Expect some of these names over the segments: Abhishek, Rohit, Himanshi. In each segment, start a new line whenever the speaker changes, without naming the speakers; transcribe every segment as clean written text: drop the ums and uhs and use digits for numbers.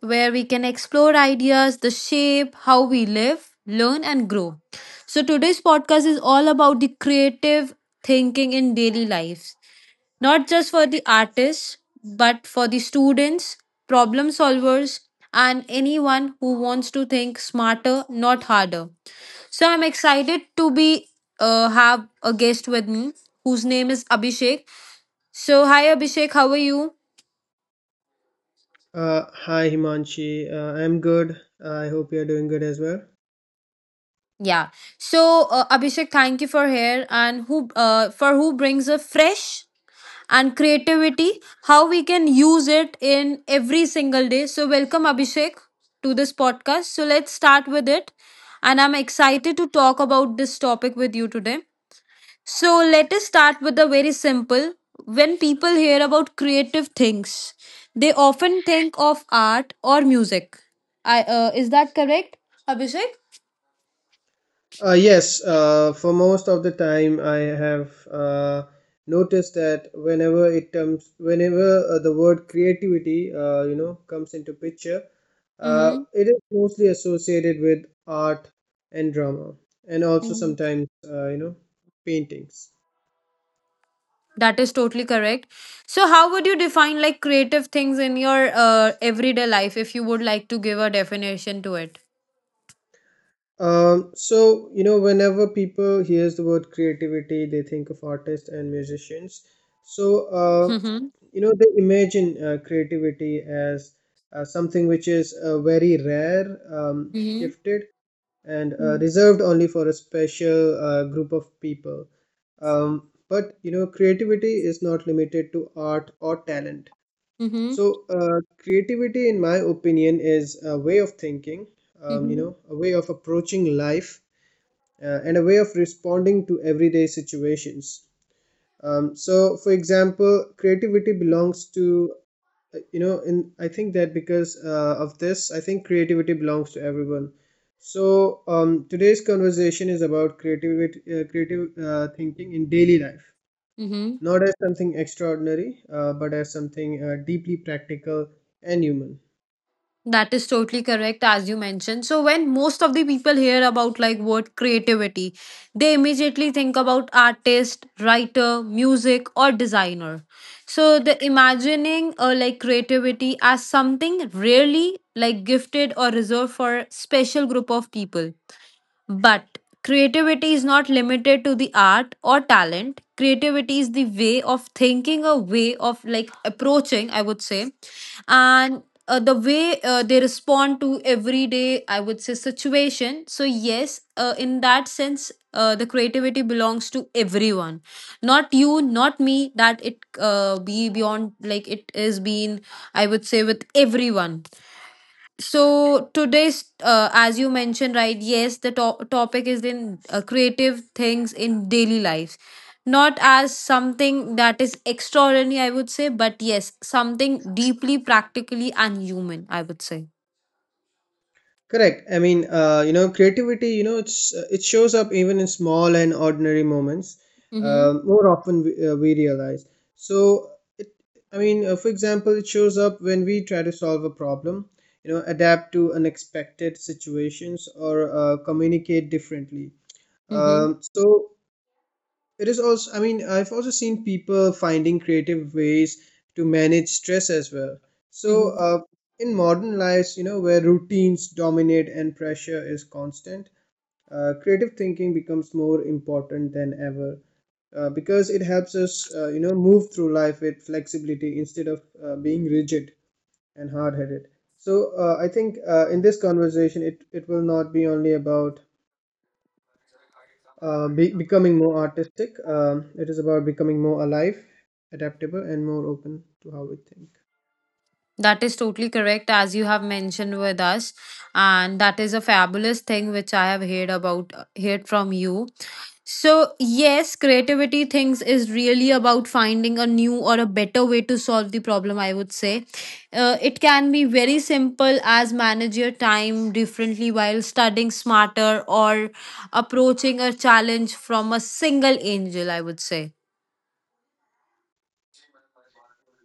where we can explore ideas, the shape, how we live, learn, and grow. Today's podcast is all about the creative thinking in daily lives, not just for the artists, but for the students, problem solvers, and anyone who wants to think smarter, not harder. So, I'm excited to be have a guest with me whose name is Abhishek. So, hi Abhishek, how are you?
Hi Himanshi, I'm good. I hope you're doing good as well.
Yeah. So, Abhishek, thank you for here and who brings a fresh and creativity, how we can use it in every single day. So welcome Abhishek to this podcast. So let's start with it. And I'm excited to talk about this topic with you today. So let us start with a very simple. When people hear about creative things, they often think of art or music. I is that correct, Abhishek?
Yes, for most of the time, I have noticed that whenever the word creativity, comes into picture,
Mm-hmm.
it is mostly associated with art and drama, and also sometimes, paintings.
That is totally correct. So, how would you define like creative things in your everyday life if you would like to give a definition to it?
Whenever people hears the word creativity, they think of artists and musicians. So
Mm-hmm.
they imagine creativity as something which is very rare,
Mm-hmm.
gifted, and reserved only for a special group of people. Creativity is not limited to art or talent.
Mm-hmm.
So, creativity, in my opinion, is a way of thinking, a way of approaching life, and a way of responding to everyday situations. For example, creativity belongs to, you know, in I think that because of this, I think creativity belongs to everyone. So, today's conversation is about creativity, creative thinking in daily life
Mm-hmm.
not as something extraordinary, but as something deeply practical and human.
That is totally correct, as you mentioned. So, when most of the people hear about like word creativity, they immediately think about artist, writer, music, or designer. So, the imagining like creativity as something really like gifted or reserved for a special group of people. But creativity is not limited to the art or talent. Creativity is the way of thinking, a way of like approaching, I would say. And the way they respond to everyday I would say situation. So yes, in that sense, the creativity belongs to everyone, not you not me, that it be beyond like it is being I would say with everyone. So today's, as you mentioned right, yes, the topic is in creative things in daily lives, not as something that is extraordinary I would say, but yes something deeply practically and human I would say.
Correct. Creativity, it's it shows up even in small and ordinary moments,
Mm-hmm.
more often we realize. So, it, for example, it shows up when we try to solve a problem. You know, adapt to unexpected situations or communicate differently.
Mm-hmm.
Um, so It is also, I mean, I've also seen people finding creative ways to manage stress as well. So, in modern lives, you know, where routines dominate and pressure is constant, creative thinking becomes more important than ever because it helps us, move through life with flexibility instead of being rigid and hard headed. So, I think in this conversation, it will not be only about becoming more artistic. It is about becoming more alive, adaptable, and more open to how we think.
That is totally correct, as you have mentioned with us, and that is a fabulous thing which I have heard about, heard from you. So, yes, creativity things is really about finding a new or a better way to solve the problem, I would say. It can be very simple as manage your time differently while studying smarter or approaching a challenge from a single angle. I would say.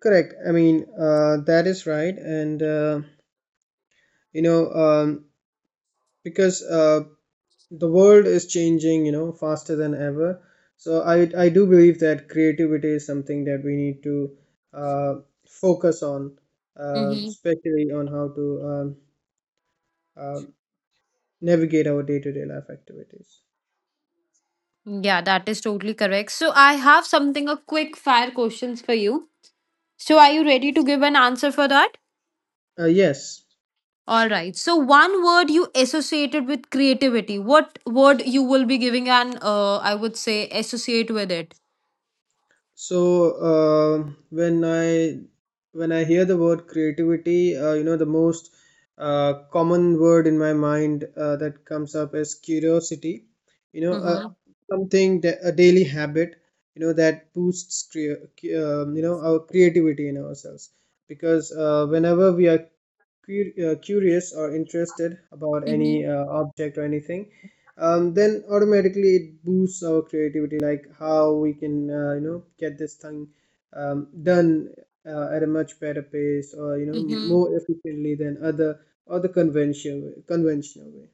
Correct. I mean, that is right. And, you know, um, because the world is changing, you know, faster than ever. So I do believe that creativity is something that we need to uh, focus on,
Mhm.
especially on how to um, uh, navigate our day to day life activities.
Yeah, that is totally correct. So I have something a quick fire questions for you. So are you ready to give an answer for that?
Yes.
All right. So one word you associated with creativity. What word you will be giving an I would say associate with it?
So uh, when I when I hear the word creativity, you know the most common word in my mind that comes up is curiosity. You know,
Mm-hmm.
something that a daily habit. You know that boosts our creativity in ourselves because whenever we are curious or interested about
Mm-hmm.
any object or anything then automatically it boosts our creativity like how we can get this thing done at a much better pace or you know
Mm-hmm.
more efficiently than other or the conventional way.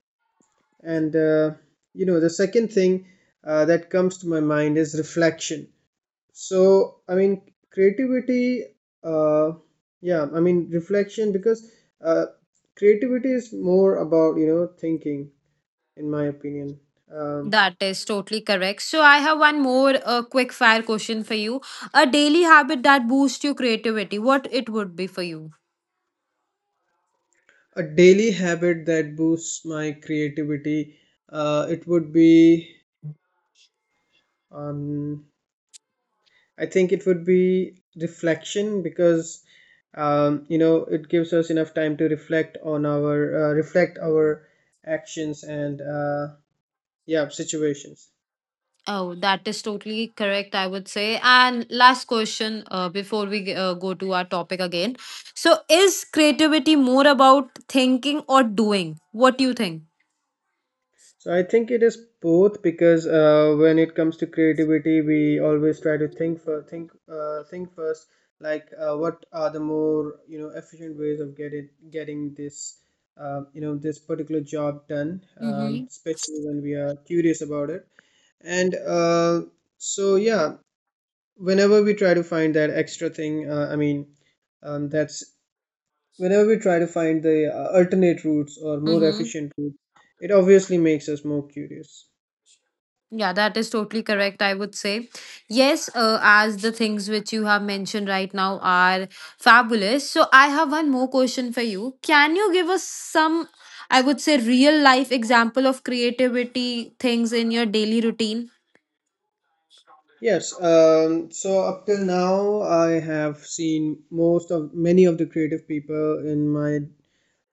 And the second thing that comes to my mind is reflection. So I mean creativity uh, yeah I mean reflection because uh, creativity is more about you know thinking in my opinion. um,
That is totally correct. So I have one more quick fire question for you. A daily habit that boosts your creativity. What it would be for you?
a daily habit that boosts my creativity, it would be, um, I think it would be reflection because you know it gives us enough time to reflect on our reflect our actions and yeah situations.
Oh, that is totally correct, I would say. And last question before we go to our topic again. So, is creativity more about thinking or doing? What do you think?
So I think it is both because when it comes to creativity, we always try to think for think think first, like what are the more you know efficient ways of getting this this particular job done,
Mm-hmm.
especially when we are curious about it. And so yeah, whenever we try to find that extra thing, that's whenever we try to find the alternate routes or more
Mm-hmm.
efficient routes, it obviously makes us more curious.
Yeah, that is totally correct, I would say. Yes, as the things which you have mentioned right now are fabulous. So, I have one more question for you. Can you give us some, I would say, real life example of creativity things in your daily routine?
Yes, so up till now, I have seen most of many of the creative people in my.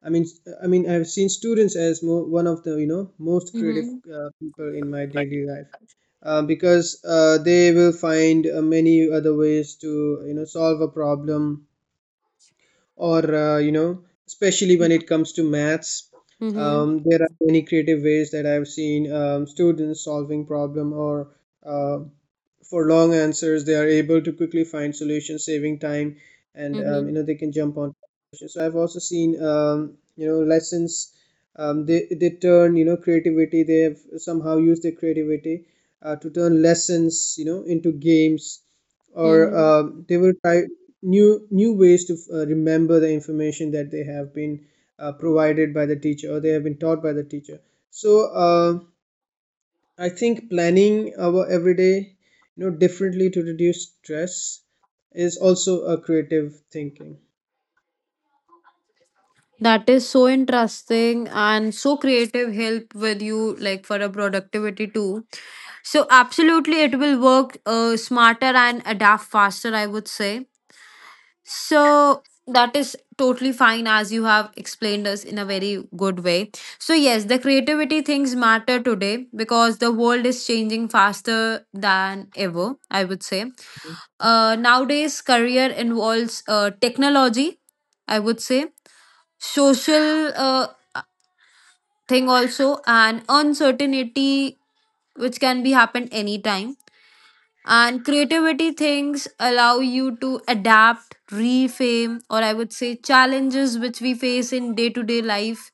I mean, I've seen students as one of the you know most creative
Mm-hmm.
people in my daily life, because they will find many other ways to you know solve a problem or you know especially when it comes to maths,
Mm-hmm.
there are many creative ways that I've seen, students solving problem or uh, for long answers they are able to quickly find solutions saving time and
Mhm.
you know they can jump on solutions. So I've also seen, lessons, they turn you know creativity they have somehow used their creativity to turn lessons you know into games or
Mhm.
they will try new ways to remember the information that they have been provided by the teacher or they have been taught by the teacher. So I think planning our everyday you know differently to reduce stress is also a creative thinking.
That is so interesting and so creative help with you like for a productivity too. So absolutely it will work smarter and adapt faster I would say. So that is totally fine as you have explained us in a very good way. So yes, the creativity things matter today because the world is changing faster than ever, I would say. Nowadays career involves technology, I would say, social thing also and uncertainty which can be happened anytime, and creativity things allow you to adapt reframe or I would say challenges which we face in day to day life.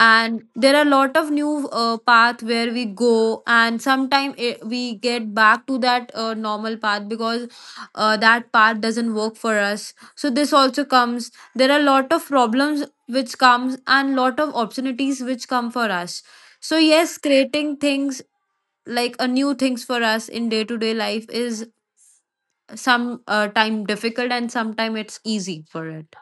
And there are a lot of new path where we go, and sometime we get back to that normal path because that path doesn't work for us. So this also comes, there are a lot of problems which comes and lot of opportunities which come for us. So yes, creating things like a new things for us in day to day life is some time difficult and sometime it's easy for it.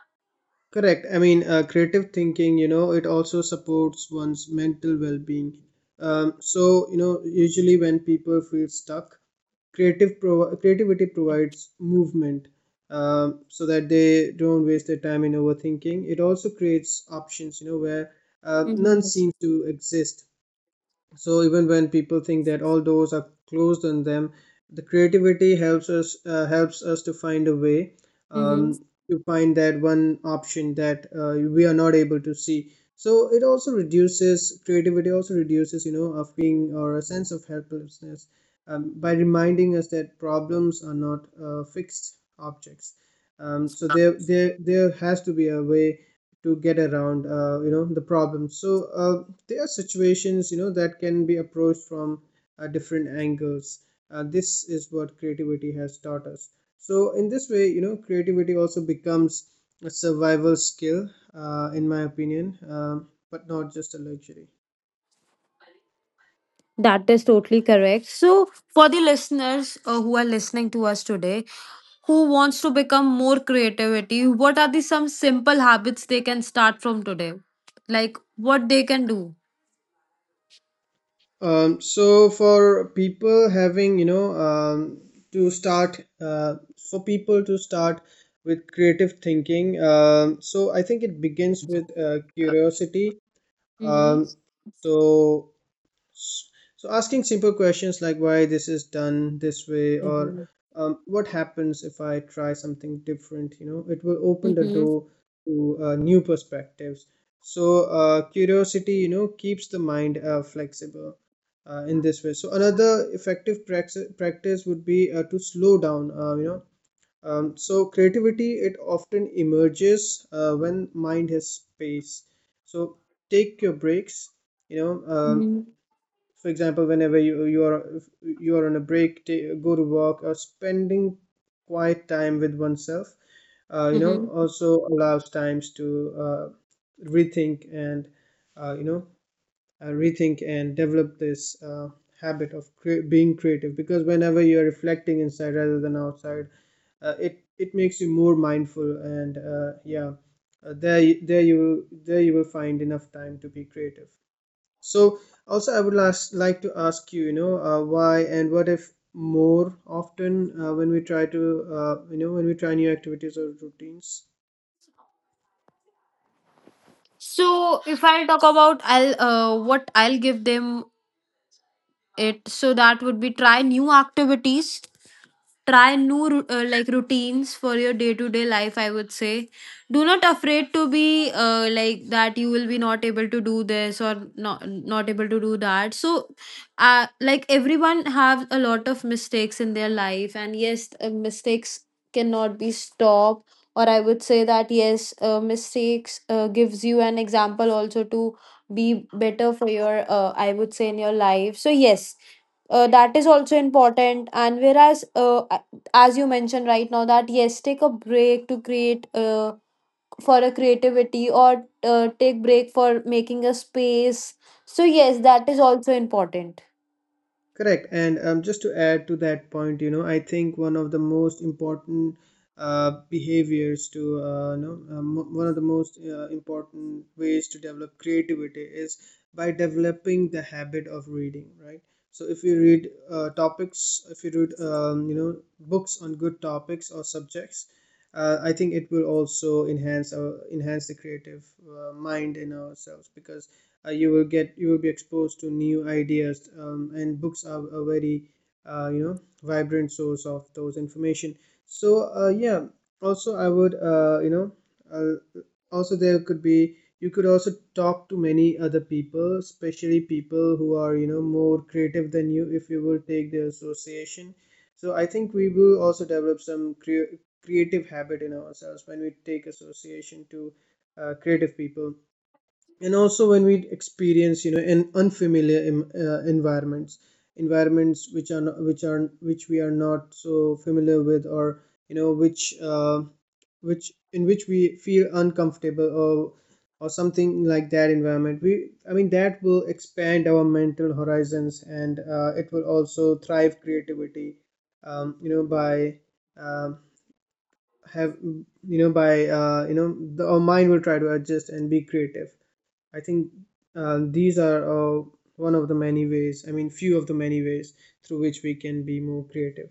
Correct. I mean, creative thinking, you know, it also supports one's mental well being. So, you know, usually when people feel stuck, creativity provides movement, so that they don't waste their time in overthinking. It also creates options, you know, where none
Hmm.
seems to exist. So even when people think that all doors are closed on them the creativity helps us to find a way, um, to find that one option that we are not able to see. So it also reduces you know a feeling or a sense of helplessness, by reminding us that problems are not fixed objects. There has to be a way to get around the problem. So uh, there are situations you know that can be approached from different angles, this is what creativity has taught us. So in this way, you know, creativity also becomes a survival skill, in my opinion, but not just a luxury.
That is totally correct. So, for the listeners who are listening to us today, who wants to become more creativity, what are the some simple habits they can start from today? Like what they can do?
For people having, you know, to start, for people to start with creative thinking, so I think it begins with curiosity.
Mm-hmm.
Um, so Asking simple questions like why this is done this way or what happens if I try something different, you know, it will open the
Mm-hmm.
door to new perspectives. So curiosity, you know, keeps the mind flexible in this way. So another effective practice practice would be to slow down, you know. Creativity, it often emerges when mind has space. So take your breaks, you know,
Mm-hmm.
for example whenever you you are on a break go to walk or spending quiet time with oneself you know also allows times to uh, rethink and you know rethink and develop this habit of being creative because whenever you are reflecting inside rather than outside it it makes you more mindful and yeah uh, there you- there you there you will find enough time to be creative. So also I would last like to ask you, you know, why and what if more often when we try to, you know, when we try new activities or routines.
So if I'll talk about I'll what I'll give them it, so that would be try new activities, try new like routines for your day to day life I would say. Do not afraid to be like that you will be not able to do this or not able to do that. So like everyone have a lot of mistakes in their life. And yes, mistakes cannot be stopped, or I would say that yes, mistakes gives you an example also to be better for your I would say in your life. So yes, that is also important. And whereas as you mentioned right now that yes, take a break to create for a creativity or take break for making a space. So yes, that is also important.
Correct. And just to add to that point, you know, I think one of the most important behaviors to, one of the most important ways to develop creativity is by developing the habit of reading, right? So if you read topics, if you read, books on good topics or subjects, I think it will also enhance the creative mind in ourselves because you will be exposed to new ideas and books are a very vibrant source of those information. So yeah, also I would you know uh, also there could be you could also talk to many other people, especially people who are more creative than you. If you will take their association, so I think we will also develop some creative habit in ourselves when we take association to creative people. And also when we experience in unfamiliar environments, which we are not so familiar with, or you know which uh, which we feel uncomfortable or something like that environment, we I mean, that will expand our mental horizons. And it will also thrive creativity by um, have you know by you know our mind will try to adjust and be creative. I think these are one of the many ways, I mean, few of the many ways through which we can be more creative.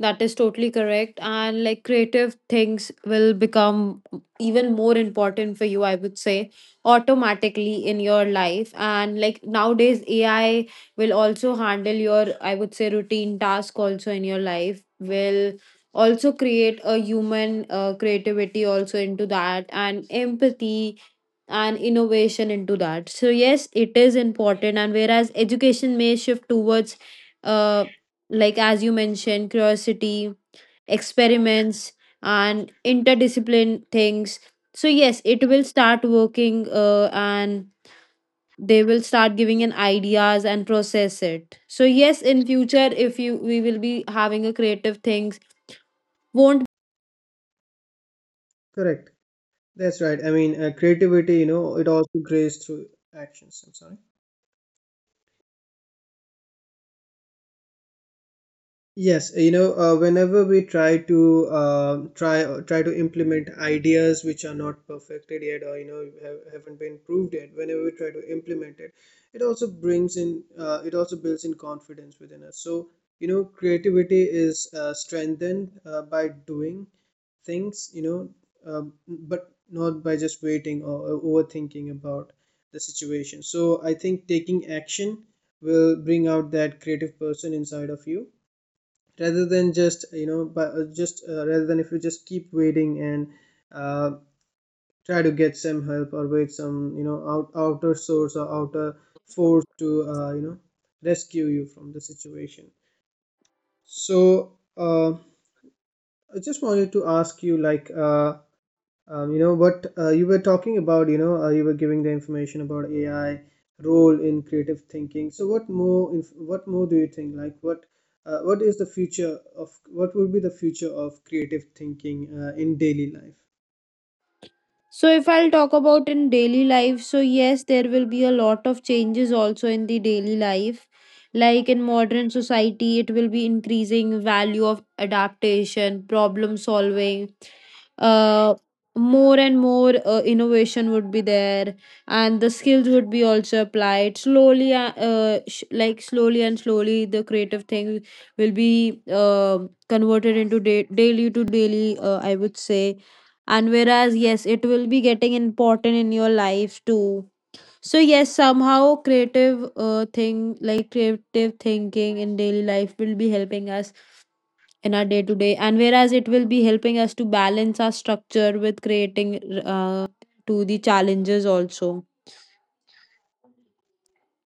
That is totally correct. And like creative things will become even more important for you, I would say, automatically in your life. And like nowadays, AI will also handle your, I would say, routine task also in your life, will also create a human creativity also into that and empathy and innovation into that. So yes, it is important. And whereas education may shift towards, uh, like as you mentioned, curiosity, experiments, and interdiscipline things. So yes, it will start working, and they will start giving in ideas and process it. So yes, in future, if you we will be having a creative things won't
Correct. That's right. I mean, creativity, it also grays through actions. I'm sorry. Yes, whenever we try to try to implement ideas which are not perfected yet, or haven't been proved yet, whenever we try to implement it, it also brings in, it also builds in confidence within us. So, creativity is strengthened by doing things, but not by just waiting or overthinking about the situation. So, I think taking action will bring out that creative person inside of you rather than just you know but just rather than if you just keep waiting and uh, try to get some help or wait some you know outer source or outer force to rescue you from the situation. So I just wanted to ask you, like, what you were talking about, you were giving the information about AI role in creative thinking. So what more do you think? Like what would be the future of creative thinking in daily life?
So, if I'll talk about in daily life, so yes, there will be a lot of changes also in the daily life. Like in modern society, it will be increasing value of adaptation, problem solving. Uh, More and more innovation would be there, and the skills would be also applied slowly. Like slowly and slowly, the creative thing will be converted into daily to daily, I would say. And whereas yes, it will be getting important in your life too, so yes, somehow creative thing, like creative thinking in daily life, will be helping us in our day to day, and whereas it will be helping us to balance our structure with creating uh, to the challenges also.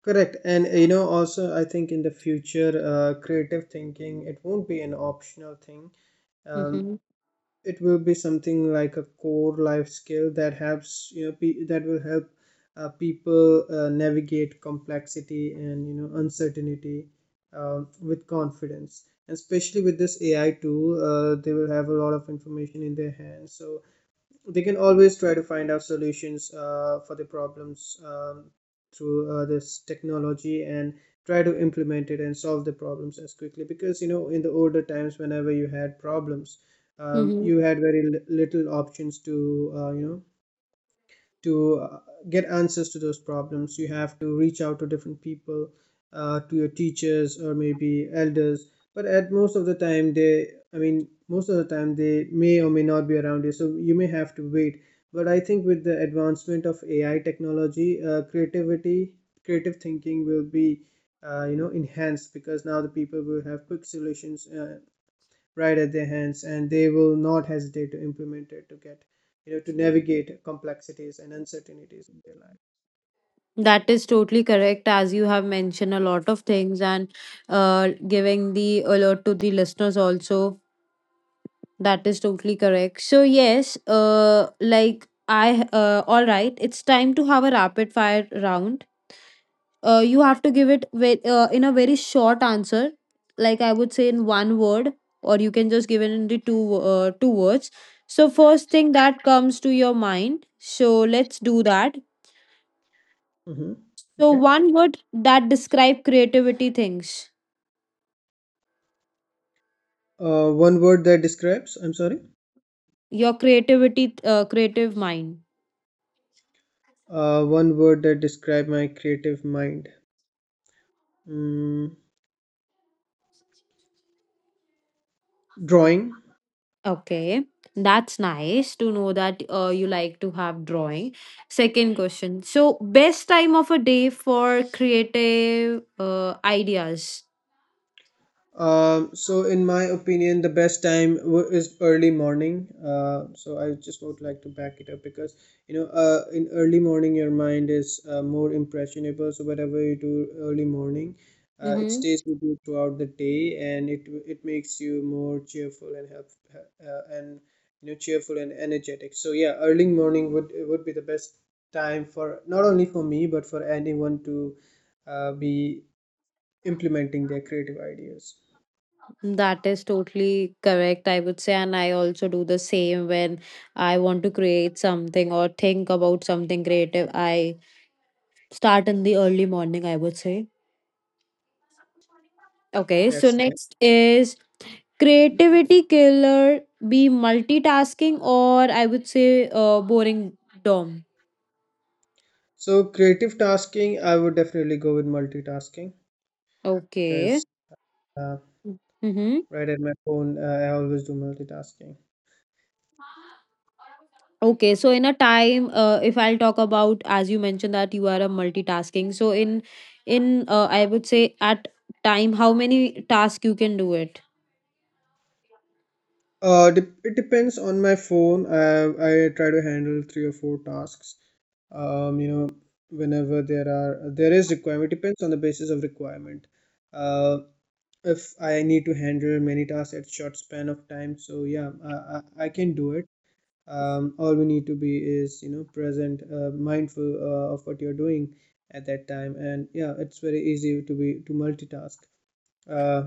Correct. And also I think in the future, creative thinking, it won't be an optional thing. Um,
Mm-hmm.
it will be something like a core life skill that helps you know pe- that will help people navigate complexity and uncertainty with confidence. And especially with this AI tool, they will have a lot of information in their hands, so they can always try to find out solutions for the problems through this technology, and try to implement it and solve the problems as quickly. Because in the older times, whenever you had problems,
Mm-hmm.
you had very little options to to uh, get answers to those problems. You have to reach out to different people, to your teachers or maybe elders. But at most of the time they I mean, most of the time they may or may not be around you, so you may have to wait. But I think with the advancement of AI technology, creativity creative thinking will be enhanced because now the people will have quick solutions right at their hands, and they will not hesitate to implement it to get to navigate complexities and uncertainties in their life.
That is totally correct, as you have mentioned a lot of things and giving the alert to the listeners also. That is totally correct. So yes, all right, it's time to have a rapid fire round. You have to give it in a very short answer, like I would say in one word, or you can just give it in the two words. So first thing that comes to your mind. So let's do that.
Hmm,
So
okay.
one word that describe creativity things.
One word that describes, I'm sorry,
Your creativity, creative mind.
one word that describe my creative mind, mm, drawing.
Okay, that's nice to know that you like to have drawing. Second question. So, best time of a day for creative ideas.
So in my opinion, the best time is early morning. So I just would like to back it up because in early morning, your mind is more impressionable. So whatever you do early morning, it
Mm-hmm.
stays with you throughout the day, and it makes you more cheerful and help and you know cheerful and energetic. So yeah, early morning would be the best time for not only for me but for anyone to be implementing their creative ideas.
That is totally correct, I would say. And I also do the same when I want to create something or think about something creative. I start in the early morning, I would say. Okay, so
That's nice.
next is creativity killer, be multitasking or I would say boring dom.
So creative tasking, I would definitely go with multitasking because
Okay.
uh,
Mm-hmm.
right at my phone, I always do multitasking.
Okay, so in a time, if I'll talk about as you mentioned that you are a multitasking, so in I would say at time how many tasks you can do it?
Dep It depends on my phone. I try to handle three or four tasks. Um, you know, whenever there is requirement, depends on the basis of requirement. Uh, if I need to handle many tasks at short span of time, so yeah, I can do it. All we need to be is present, mindful of what you're doing at that time. And yeah, it's very easy to be to multitask, uh,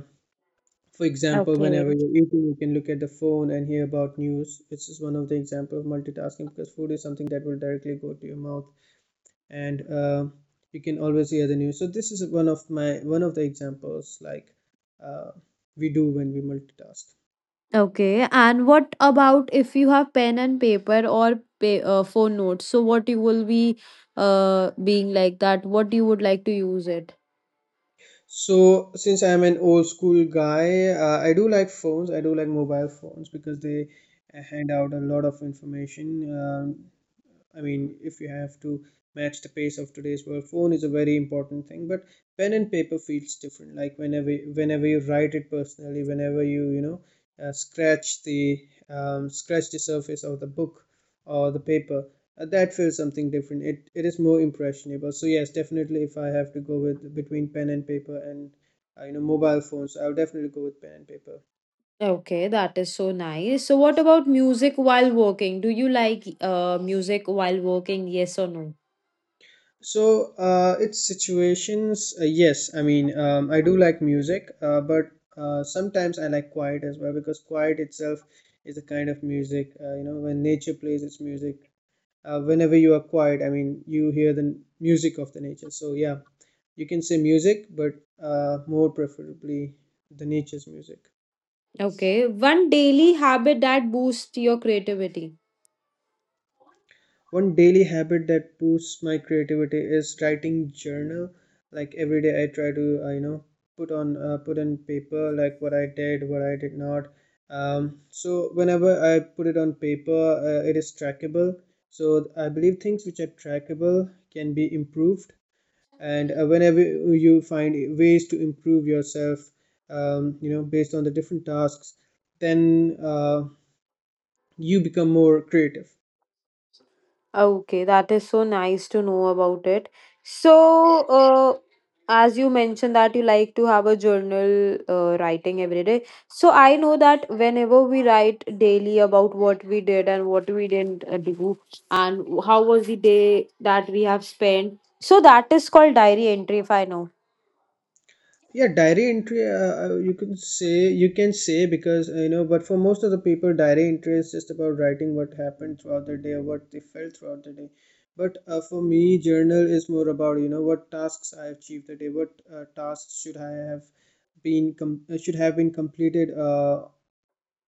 for example, whenever
Okay.
you're eating you can look at the phone and hear about news, which is one of the example of multitasking, because food is something that will directly go to your mouth and you can always hear the news. So this is one of the examples, like uh, we do when we multitask.
Okay, and what about if you have pen and paper or pay, phone notes? So what you will be being like that? What you would like to use it?
So since I'm an old school guy, I do like phones. I do like mobile phones because they hand out a lot of information. Um, I mean, if you have to match the pace of today's world, phone is a very important thing. But pen and paper feels different. Like whenever you write it personally, whenever you you know uh, scratch the scratch the surface of the book or the paper, that feels something different. It is more impressionable. So yes, definitely, if I have to go with between pen and paper and mobile phones, I'll definitely go with pen and paper.
Okay, that is so nice. So, what about music while working? Do you like music while working? Yes or no?
So it's situations. Yes, I mean, I do like music, but sometimes I like quiet as well because quiet itself is a kind of music. When nature plays its music, whenever you are quiet, I mean, you hear the music of the nature. So yeah, you can say music, but more preferably the nature's music.
Okay, one daily habit that boosts your creativity.
One daily habit that boosts my creativity is writing journal. Like every day I try to put in paper like what I did, what I did not. So whenever I put it on paper, it is trackable. So I believe things which are trackable can be improved, and whenever you find ways to improve yourself, based on the different tasks, then you become more creative.
Okay, that is so nice to know about it. So, as you mentioned that you like to have a journal writing every day. So, I know that whenever we write daily about what we did and what we didn't do, and how was the day that we have spent. So, that is called diary entry, if I know.
Yeah, diary entry, you can say, because but for most of the people, diary entry is just about writing what happened throughout the day, what they felt throughout the day. But for me, journal is more about what tasks I achieved the day, what tasks should have been completed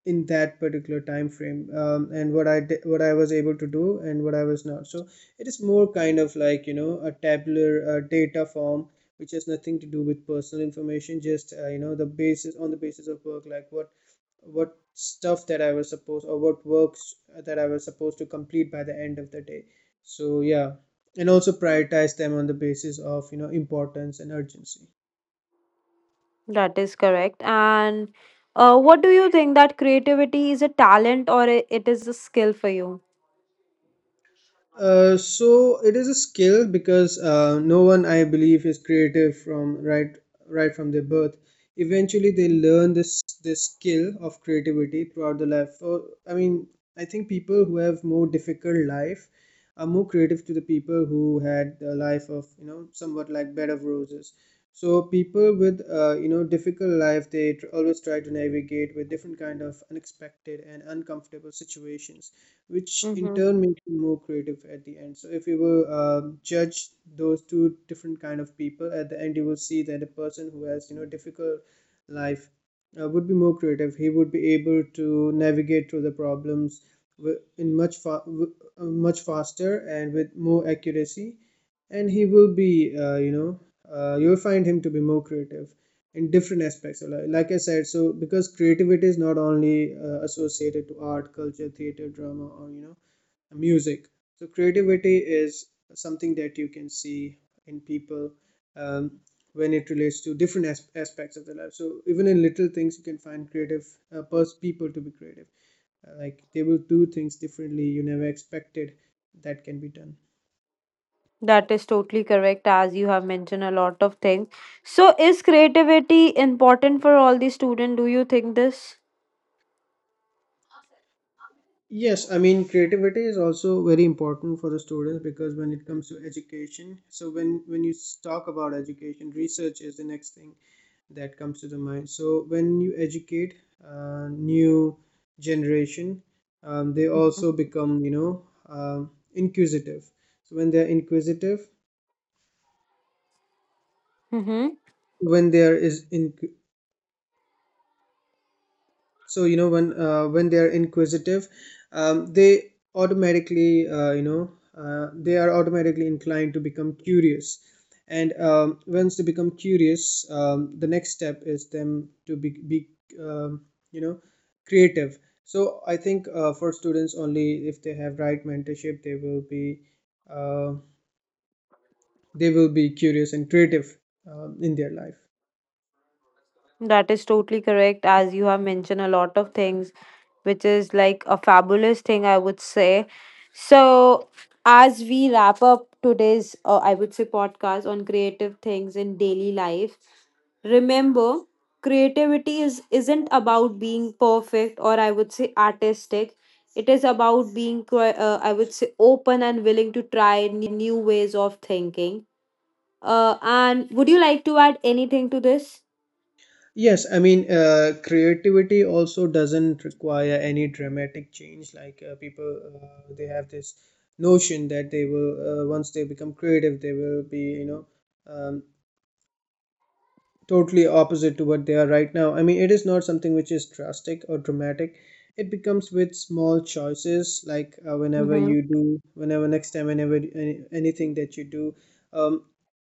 in that particular time frame, and what I did, what I was able to do and what I was not. So it is more kind of like a tabular data form which has nothing to do with personal information, just the basis on the basis of work, like what stuff that I was supposed, or what works that I was supposed to complete by the end of the day. So yeah, and also prioritize them on the basis of importance and urgency.
That is correct. And what do you think that creativity is a talent or it is a skill for you?
So it is a skill because no one, I believe, is creative from right right from their birth. Eventually, they learn this skill of creativity throughout the life. So, I mean, I think people who have more difficult life are more creative to the people who had a life of somewhat like bed of roses. So people with difficult life, they always try to navigate with different kind of unexpected and uncomfortable situations, which in
Mm-hmm.
turn makes you more creative at the end. So if you will judge those two different kind of people at the end, you will see that a person who has difficult life would be more creative. He would be able to navigate through the problems wi- in much fa- w- much faster and with more accuracy, and he will be you'll find him to be more creative in different aspects of life. Like I said, so because creativity is not only associated to art, culture, theater, drama, or music. So creativity is something that you can see in people um, when it relates to different aspects of their life. So even in little things, you can find creative people to be creative. Like they will do things differently, you never expected that can be done.
That is totally correct, as you have mentioned a lot of things. So, is creativity important for all the students? Do you think this?
Yes, I mean creativity is also very important for the students because when it comes to education, so talk about education, research is the next thing that comes to the mind. So when you educate new generation, they also become inquisitive. So when they are inquisitive,
Mm-hmm.
when there is in so you know when they are inquisitive they automatically they are automatically inclined to become curious. And once they become curious, the next step is them to be um, you know creative. So I think for students, only if they have right mentorship, they will be uh, curious and creative in their life.
That is totally correct, as you have mentioned a lot of things, which is like a fabulous thing, I would say. So, as we wrap up today's, I would say, podcast on creative things in daily life, remember creativity is isn't about being perfect, or I would say artistic. It is about being I would say open and willing to try new ways of thinking, and would you like to add anything to this?
Yes, I mean, creativity also doesn't require any dramatic change. Like people, they have this notion that they will, once they become creative, they will be, um, totally opposite to what they are right now. I mean, it is not something which is drastic or dramatic. It becomes with small choices, like whenever
Mm-hmm.
you do, whenever next time, whenever anything that you do, um,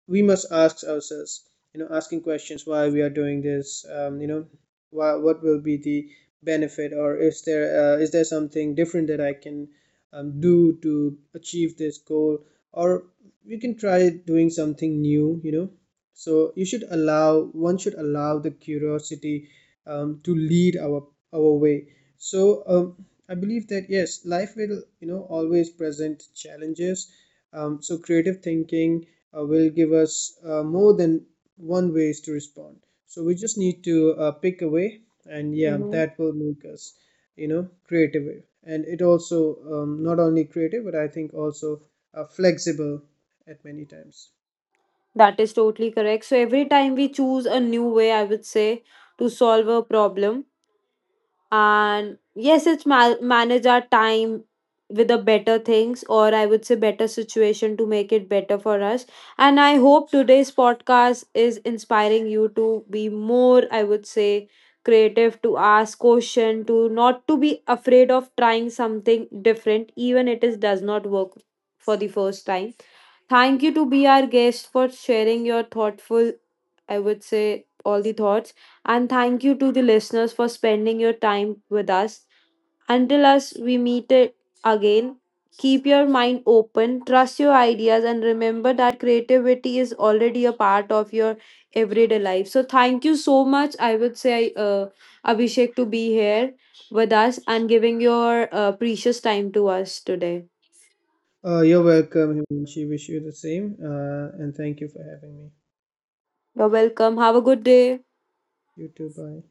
we must ask ourselves, asking questions why we are doing this, why, what will be the benefit, or is there something different that I can do to achieve this goal, or we can try doing something new, so you should allow one should allow the curiosity to lead our way. So I believe that yes, life will always present challenges, so creative thinking will give us more than one ways to respond. So we just need to pick away, and yeah, that will make us creative, and it also not only creative but I think also flexible at many times.
That is totally correct. So every time we choose a new way, I would say, to solve a problem, and yes, it's manage our time with the better things, or I would say better situation to make it better for us. And I hope today's podcast is inspiring you to be more, I would say, creative, to ask question, to not to be afraid of trying something different, even it is does not work for the first time. Thank you to be our guest for sharing your thoughtful, I would say, all the thoughts. And thank you to the listeners for spending your time with us. Until us we meet it again, keep your mind open, trust your ideas, and remember that creativity is already a part of your everyday life. So thank you so much. I would say Abhishek to be here with us and giving your precious time to us today.
You're welcome, Himanshi. Wish you the same. And thank you for having me.
You're welcome. Have a good day.
You too. Bye.